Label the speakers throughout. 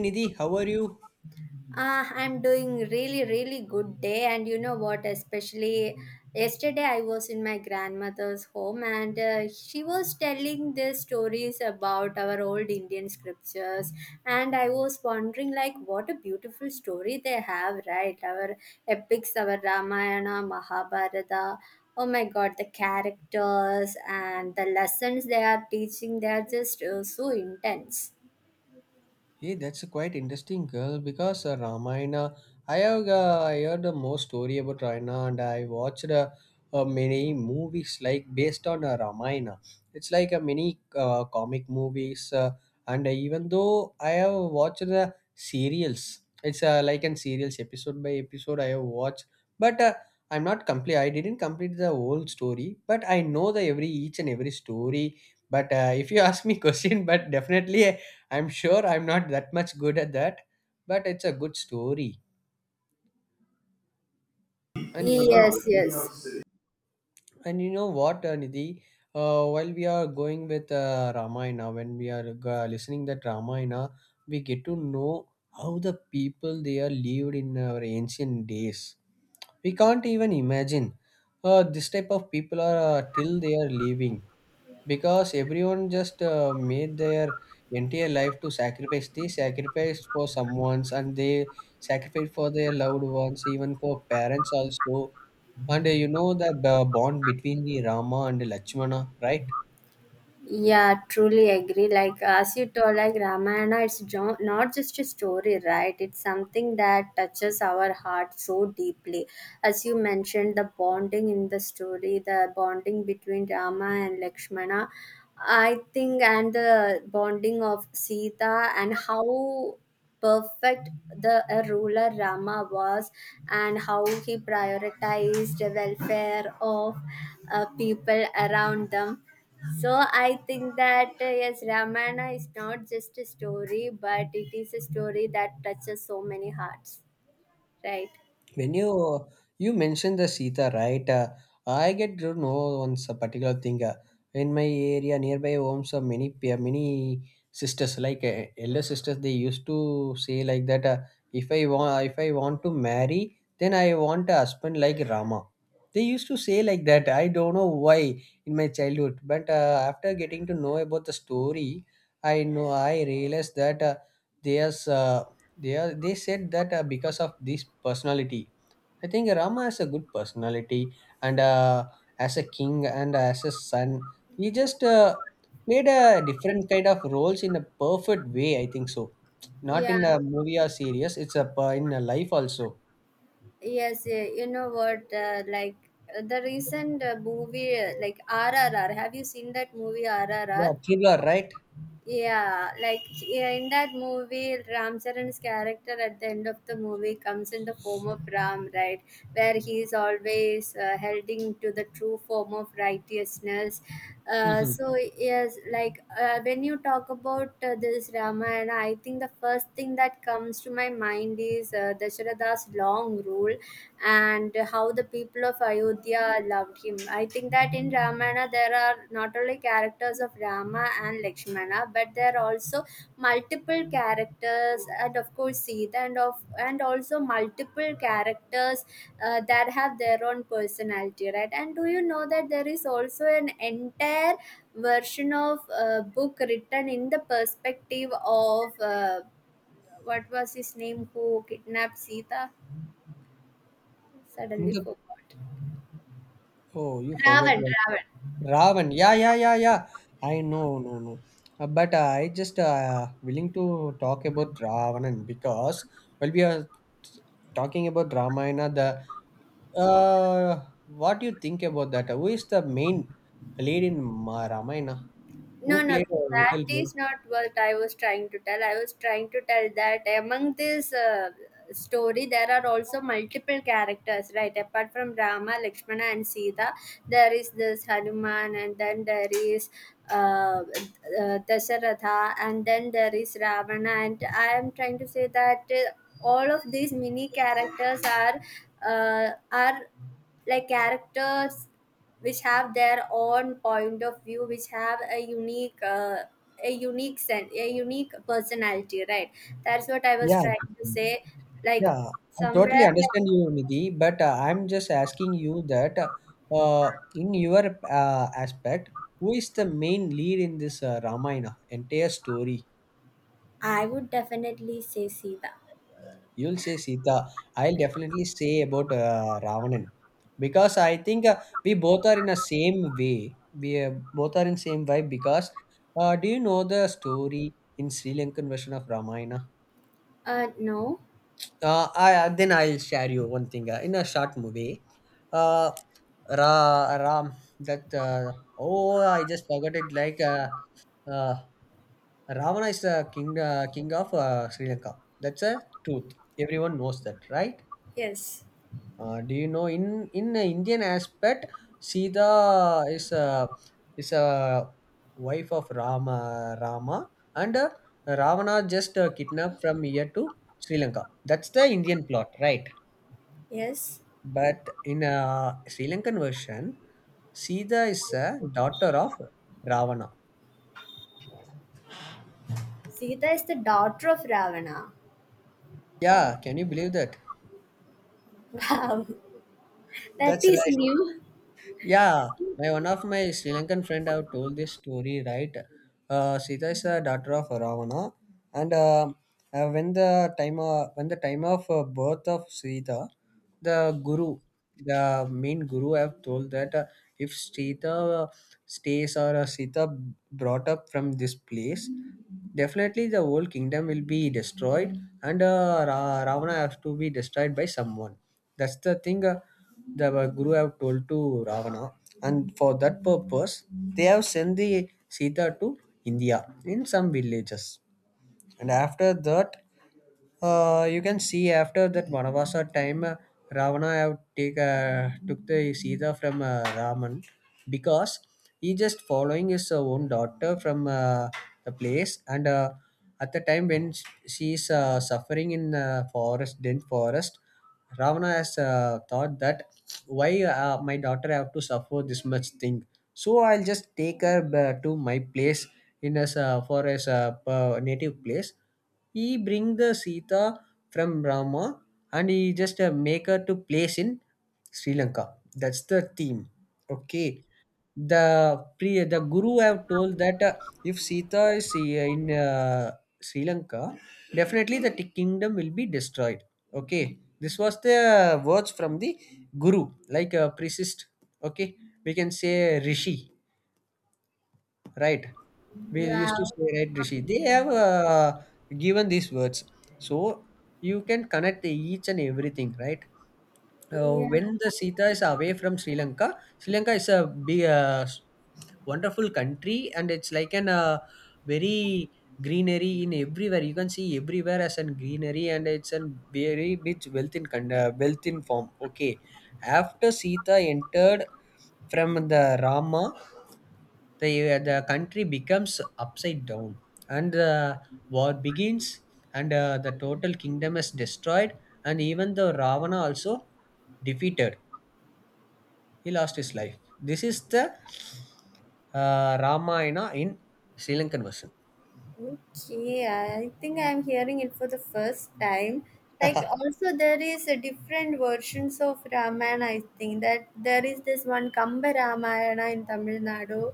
Speaker 1: Nidhi, how are you?
Speaker 2: I'm doing really, really good day. And you know what? Especially yesterday, I was in my grandmother's home and she was telling the stories about our old Indian scriptures. And I was wondering, like, what a beautiful story they have, right? Our epics, our Ramayana, Mahabharata. Oh my god, the characters and the lessons they are teaching, they are just so intense.
Speaker 1: Hey, that's a quite interesting girl because Ramayana. I have I heard the most story about Ramayana, and I watched many movies like based on Ramayana. It's like a many comic movies, and even though I have watched the serials, it's like in serials episode by episode I have watched, but I'm not complete. I didn't complete the whole story, but I know the every each and every story. But if you ask me question, but definitely. I'm sure I'm not that much good at that, but it's a good story. And you know,
Speaker 2: Yes, yes.
Speaker 1: and you know what, Nidhi? While we are going with Ramayana, when we are listening that Ramayana, we get to know how the people they are lived in our ancient days. We can't even imagine this type of people are till they are living, because everyone just made their entire life to sacrifice, they sacrificed for someone's and they sacrificed for their loved ones, even for parents also. And you know that bond between the Rama and Lakshmana, right?
Speaker 2: Yeah, truly agree. Like as you told, like Ramayana, it's not just a story, right? It's something that touches our heart so deeply. As you mentioned, the bonding in the story, the bonding between Rama and Lakshmana, I think, and the bonding of Sita, and how perfect the ruler Rama was, and how he prioritized the welfare of people around them, so I think that yes, Ramayana is not just a story, but it is a story that touches so many hearts, right?
Speaker 1: When you mentioned the Sita, right? I get to know once a particular thing. In my area, nearby homes, many sisters, like elder sisters, they used to say like that. If I want, if I want to marry, then I want a husband like Rama. They used to say like that. I don't know why in my childhood, but after getting to know about the story, I know I realized that there's they are they said that because of this personality, I think Rama has a good personality, and as a king and as a son, he just played a different kind of roles in a perfect way. I think so. Not
Speaker 2: Yeah,
Speaker 1: in a movie or series; in a life also.
Speaker 2: yes, yeah. You know what? Like the recent movie, like RRR. Have you seen that movie
Speaker 1: Yeah,
Speaker 2: RRR?
Speaker 1: thriller, right?
Speaker 2: Yeah, like yeah, in that movie, Ram Charan's character at the end of the movie comes in the form of Ram, right? Where he is always holding to the true form of righteousness. Uh,
Speaker 1: Mm-hmm.
Speaker 2: so yes, like when you talk about this Ramayana, I think the first thing that comes to my mind is Dasharatha's long rule and how the people of Ayodhya loved him. I think that in Ramayana there are not only characters of Rama and Lakshmana, but there are also multiple characters, and of course Sita, and also multiple characters that have their own personality, right? And do you know that there is also an entire version of book written in the perspective of what was his name who kidnapped Sita?
Speaker 1: In
Speaker 2: Suddenly
Speaker 1: the
Speaker 2: forgot.
Speaker 1: oh, you forgot.
Speaker 2: Ravan, Ravan.
Speaker 1: Ravan. Yeah, yeah, yeah, yeah. I know, no, no. But I just willing to talk about Ravan because, well, we are talking about Ramayana. The What do you think about that? Who is the main lead in Ramayana?
Speaker 2: No,
Speaker 1: Who
Speaker 2: no,
Speaker 1: played a
Speaker 2: that
Speaker 1: vital role?
Speaker 2: is not what I was trying to tell. I was trying to tell that among this story, there are also multiple characters, right? Apart from Rama, Lakshmana, and Sita, there is this Hanuman, and then there is uh, Dasharatha, and then there is Ravana. And I am trying to say that all of these mini characters are uh, are like characters which have their own point of view, which have a unique sense, a unique personality, right? That's what I was
Speaker 1: Yeah.
Speaker 2: trying to say. like
Speaker 1: Yeah, I totally
Speaker 2: somewhere like,
Speaker 1: understand you, Nidhi, but I'm just asking you that in your aspect, who is the main lead in this Ramayana entire story?
Speaker 2: I would definitely say Sita.
Speaker 1: You'll say Sita. I'll definitely say about Ravan because I think we both are in a same way. We both are in same vibe because do you know the story in Sri Lankan version of Ramayana?
Speaker 2: No.
Speaker 1: I Then I'll share you one thing in a short movie. Uh, Ra, Ram that Oh, I just forgot it. Uh, Ravana is the king king of Sri Lanka. That's a truth. Everyone knows that, right?
Speaker 2: Yes,
Speaker 1: Do you know in the Indian aspect, Sita is a wife of Rama, and Ravana just kidnapped from here to Sri Lanka. That's the Indian plot, right?
Speaker 2: yes.
Speaker 1: But in a Sri Lankan version, Sita is a daughter of Ravana.
Speaker 2: Sita is the daughter of Ravana.
Speaker 1: Yeah, can you believe that?
Speaker 2: Wow. That
Speaker 1: That's
Speaker 2: is
Speaker 1: right.
Speaker 2: new.
Speaker 1: Yeah, my one of my Sri Lankan friend have told this story, right? Sita is the daughter of Ravana, and when the time of birth of Sita, the guru, the main guru, have told that if Sita stays or Sita brought up from this place, definitely the whole kingdom will be destroyed, and Ravana has to be destroyed by someone. That's the thing. The Guru have told to Ravana, and for that purpose, they have sent the Sita to India in some villages. And after that, you can see after that Vanavasa time, Ravana have take took the Sita from Raman because he just following his own daughter from the place, and at the time when she is suffering in forest, dense forest, Ravana has thought that, why my daughter have to suffer this much thing, so I'll just take to my place in his for his native place, he bring the Sita from Rama and he just make her to place in Sri Lanka. That's the theme. Okay. The guru have told that if Sita is in Sri Lanka, definitely kingdom will be destroyed. Okay. This was the words from the guru, like a priest. Okay. We can say rishi, right? We used to
Speaker 2: Wow.
Speaker 1: say, right, rishi, they have given these words. So you can connect each and everything, right?
Speaker 2: Yeah.
Speaker 1: When the Sita is away from Sri Lanka, Sri Lanka is a big wonderful country and it's like an very greenery in everywhere, you can see everywhere as an greenery, and it's a very rich wealth in form. Okay, after Sita entered from the Rama, the the country becomes upside down and the war begins, and the total kingdom is destroyed, and even the Ravana also defeated, he lost his life. This is the Ramayana in Sri Lankan version.
Speaker 2: Okay, I think I'm hearing it for the first time. Like also there is a different versions of Ramayana, I think that there is this one Kamba Ramayana in Tamil Nadu.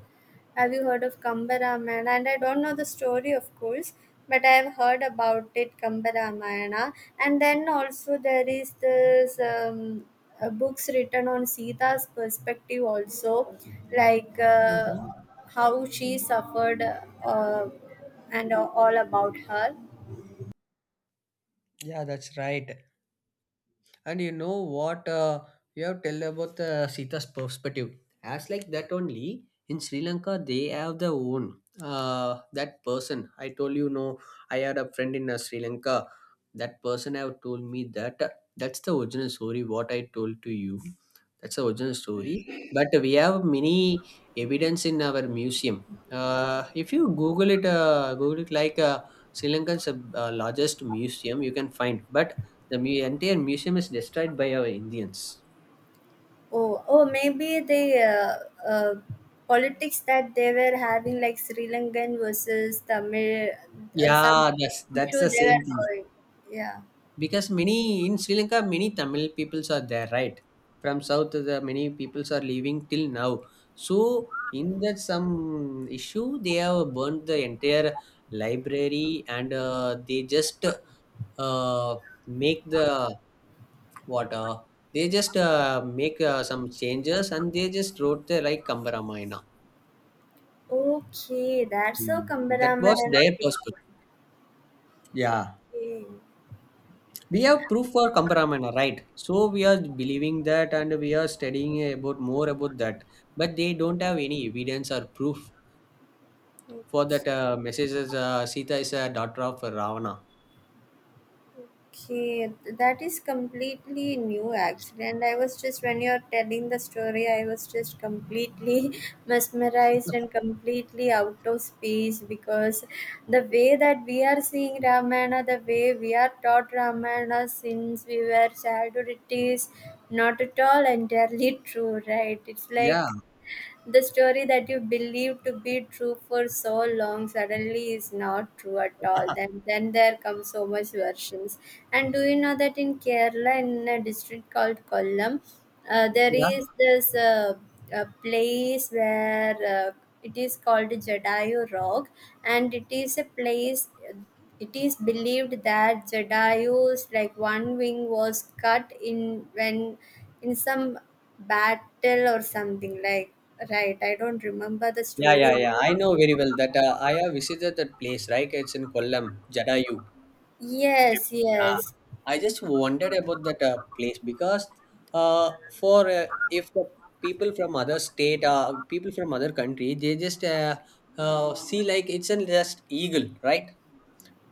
Speaker 2: Have you heard of Kambaramana? And I don't know the story, of course, but I have heard about it, Kambaramana. And then also there is this books written on Sita's perspective also, like
Speaker 1: Hmm,
Speaker 2: how she suffered uh, and all about her.
Speaker 1: yeah, that's right. And you know what, you have tell about the Sita's perspective. As like that only in Sri Lanka they have their own that person. I told you no. I had a friend in Sri Lanka. That person have told me that that's the original story. What I told to you, that's the original story. But we have many evidence in our museum. If you Google it like Sri Lanka's largest museum, you can find. But entire museum is destroyed by our Indians.
Speaker 2: Oh, oh, maybe the politics that they were having, like Sri Lankan versus Tamil, some
Speaker 1: Yeah, that's
Speaker 2: issue
Speaker 1: the
Speaker 2: they were
Speaker 1: same thing.
Speaker 2: having. Yeah.
Speaker 1: Because many in Sri Lanka, many Tamil peoples are there, right? From south, the many peoples are leaving till now. So in that some issue, they have burnt the entire library, and they just uh, make the what they just make some changes and they just wrote the like Kambaramaina.
Speaker 2: Okay, that's how
Speaker 1: Hmm. That was
Speaker 2: Kambaraman.
Speaker 1: their perspective. Yeah.
Speaker 2: Okay.
Speaker 1: We have proof for Kambharamana, right? So we are believing that and we are studying about more about that, but they don't have any evidence or proof
Speaker 2: Okay.
Speaker 1: for that messages. Sita is a daughter of Ravana.
Speaker 2: Okay, that is completely new actually. And I was just, when you're telling the story, I was just completely mesmerized and completely out of space, because the way that we are seeing Ramayana, the way we are taught Ramayana since we were childhood, it is not at all entirely true, right? It's
Speaker 1: Yeah,
Speaker 2: like the story that you believed to be true for so long suddenly is not true at all. Then, there come so much versions. And do you know that in Kerala, in a district called Kollam, there
Speaker 1: yeah,
Speaker 2: is this a place where it is called Jadayu Rock, and it is a place, it is believed that Jedi's like one wing was cut in when in some battle or something, like, right. I don't remember the
Speaker 1: yeah,
Speaker 2: story.
Speaker 1: yeah, yeah. I know very well that I have visited that place, right? It's in Kollam, Jadayu.
Speaker 2: Yes,
Speaker 1: Yeah,
Speaker 2: yes.
Speaker 1: I just wondered about that place because for if the people from other state, people from other country, they just see like it's a just eagle, right?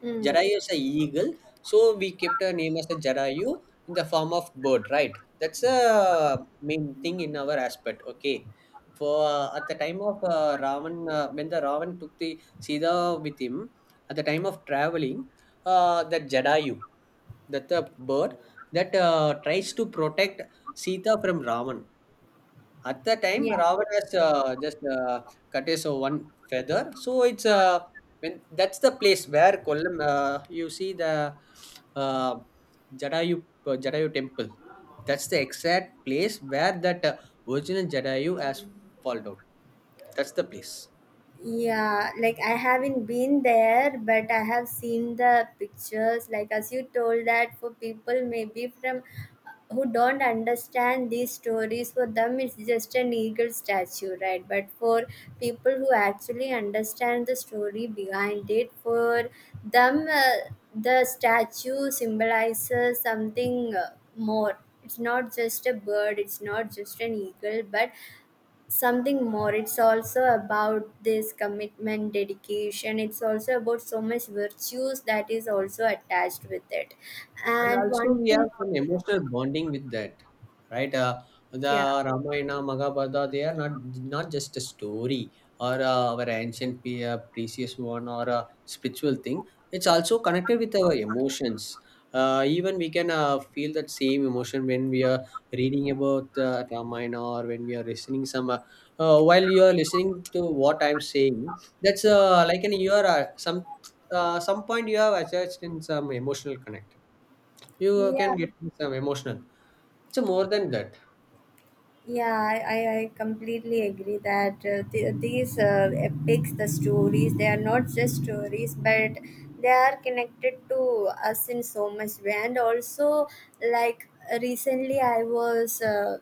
Speaker 2: Mm.
Speaker 1: Jarayu is a eagle, so we kept her name as a Jarayu in the form of bird, right? That's a main thing in our aspect. Okay, for at the time of Ravan, when the Ravan took the Sita with him, at the time of traveling that Jadayu, that the bird that tries to protect Sita from Ravan. At the time,
Speaker 2: Yeah.
Speaker 1: Ravan has just cut his one feather, so it's when that's the place where Kollam you see the uh, Jadayu temple. That's the exact place where that original Jadayu has fallen down. That's the place.
Speaker 2: Yeah, like I haven't been there, but I have seen the pictures. Like as you told, that for people maybe from who don't understand these stories, for them it's just an eagle statue, right? But for people who actually understand the story behind it, for them the statue symbolizes something more. It's not just a bird, it's not just an eagle, but something more. It's also about this commitment, dedication. It's also about so much virtues that is also attached with it,
Speaker 1: And
Speaker 2: and
Speaker 1: also
Speaker 2: one
Speaker 1: we
Speaker 2: thing.
Speaker 1: have some emotional bonding with that, right? The
Speaker 2: Yeah.
Speaker 1: Ramayana, Mahabharata, they are not just a story or our ancient precious one or a spiritual thing. It's also connected with our emotions. Even we can feel that same emotion when we are reading about Ramayana or when we are listening some while you are listening to what I'm saying. That's like an you are some point you have attached in some emotional connect, you can
Speaker 2: Yeah.
Speaker 1: get some emotional. So more than that,
Speaker 2: I completely agree that these epics, the stories, they are not just stories, but they are connected to us in so much way. And also, like, recently I was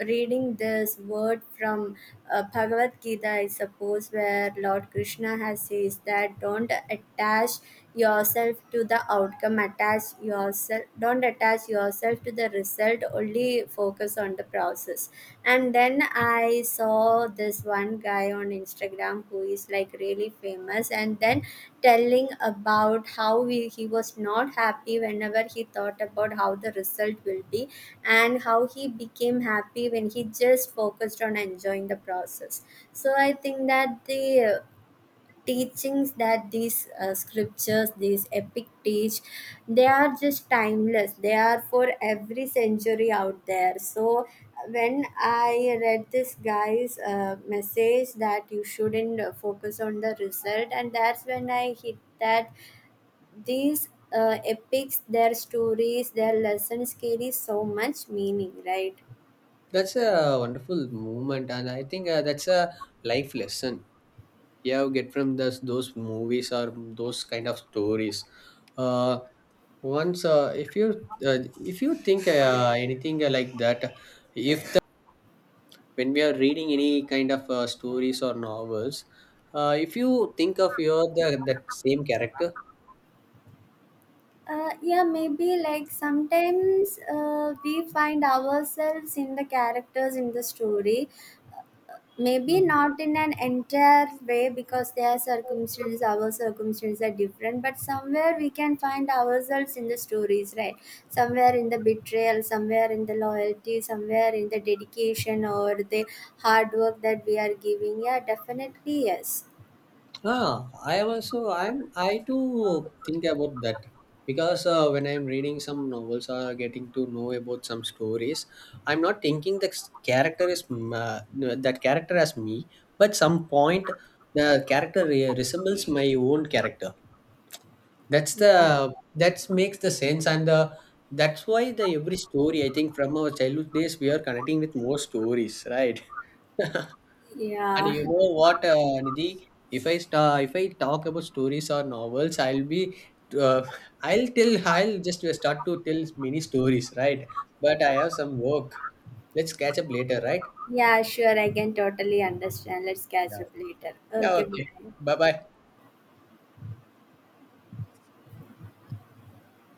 Speaker 2: reading this word from Bhagavad Gita, I suppose, where Lord Krishna has says that don't attach yourself to the outcome, attach yourself, don't attach yourself to the result, only focus on the process. And then I saw follow this one guy on Instagram who is like really famous, and then telling about how he was not happy whenever he thought about how the result will be, and how he became happy when he just focused on enjoying the process. So I think that the teachings that these scriptures, these epic teach, they are just timeless, they are for every century out there. So when I read this guy's message that you shouldn't focus on the result, and that's when I hit that these epics, their stories, their lessons carry so much meaning, right?
Speaker 1: that's a wonderful movement, and I think that's a life lesson you get from those movies or those kind of stories. Uh, once uh, uh, if you think anything like that, if the, when we are reading any kind of stories or novels, if you think of that same character.
Speaker 2: Yeah, maybe like sometimes we find ourselves in the characters in the story. Maybe not in an entire way because their circumstances, our circumstances are different, but somewhere we can find ourselves in the stories, right? Somewhere in the betrayal, somewhere in the loyalty, somewhere in the dedication or the hard work that we are giving. Yeah, definitely, yes.
Speaker 1: Ah, I'm I too think about that because when I'm reading some novels or getting to know about some stories, I'm not thinking that that character as me, but some point the resembles my own character.
Speaker 2: Yeah.
Speaker 1: That makes the sense. And the that's why the every story, I think, from our childhood days we are connecting with more stories, right? And
Speaker 2: Yeah.
Speaker 1: you know what, Nidhi? If I talk about stories or novels, uh, I'll just start to tell many stories, right? But I have some work. Let's catch up later, right?
Speaker 2: Yeah, sure, I can totally understand. Let's catch
Speaker 1: Yeah.
Speaker 2: up later.
Speaker 1: Yeah,
Speaker 2: Okay,
Speaker 1: okay.
Speaker 2: bye.
Speaker 1: Bye bye.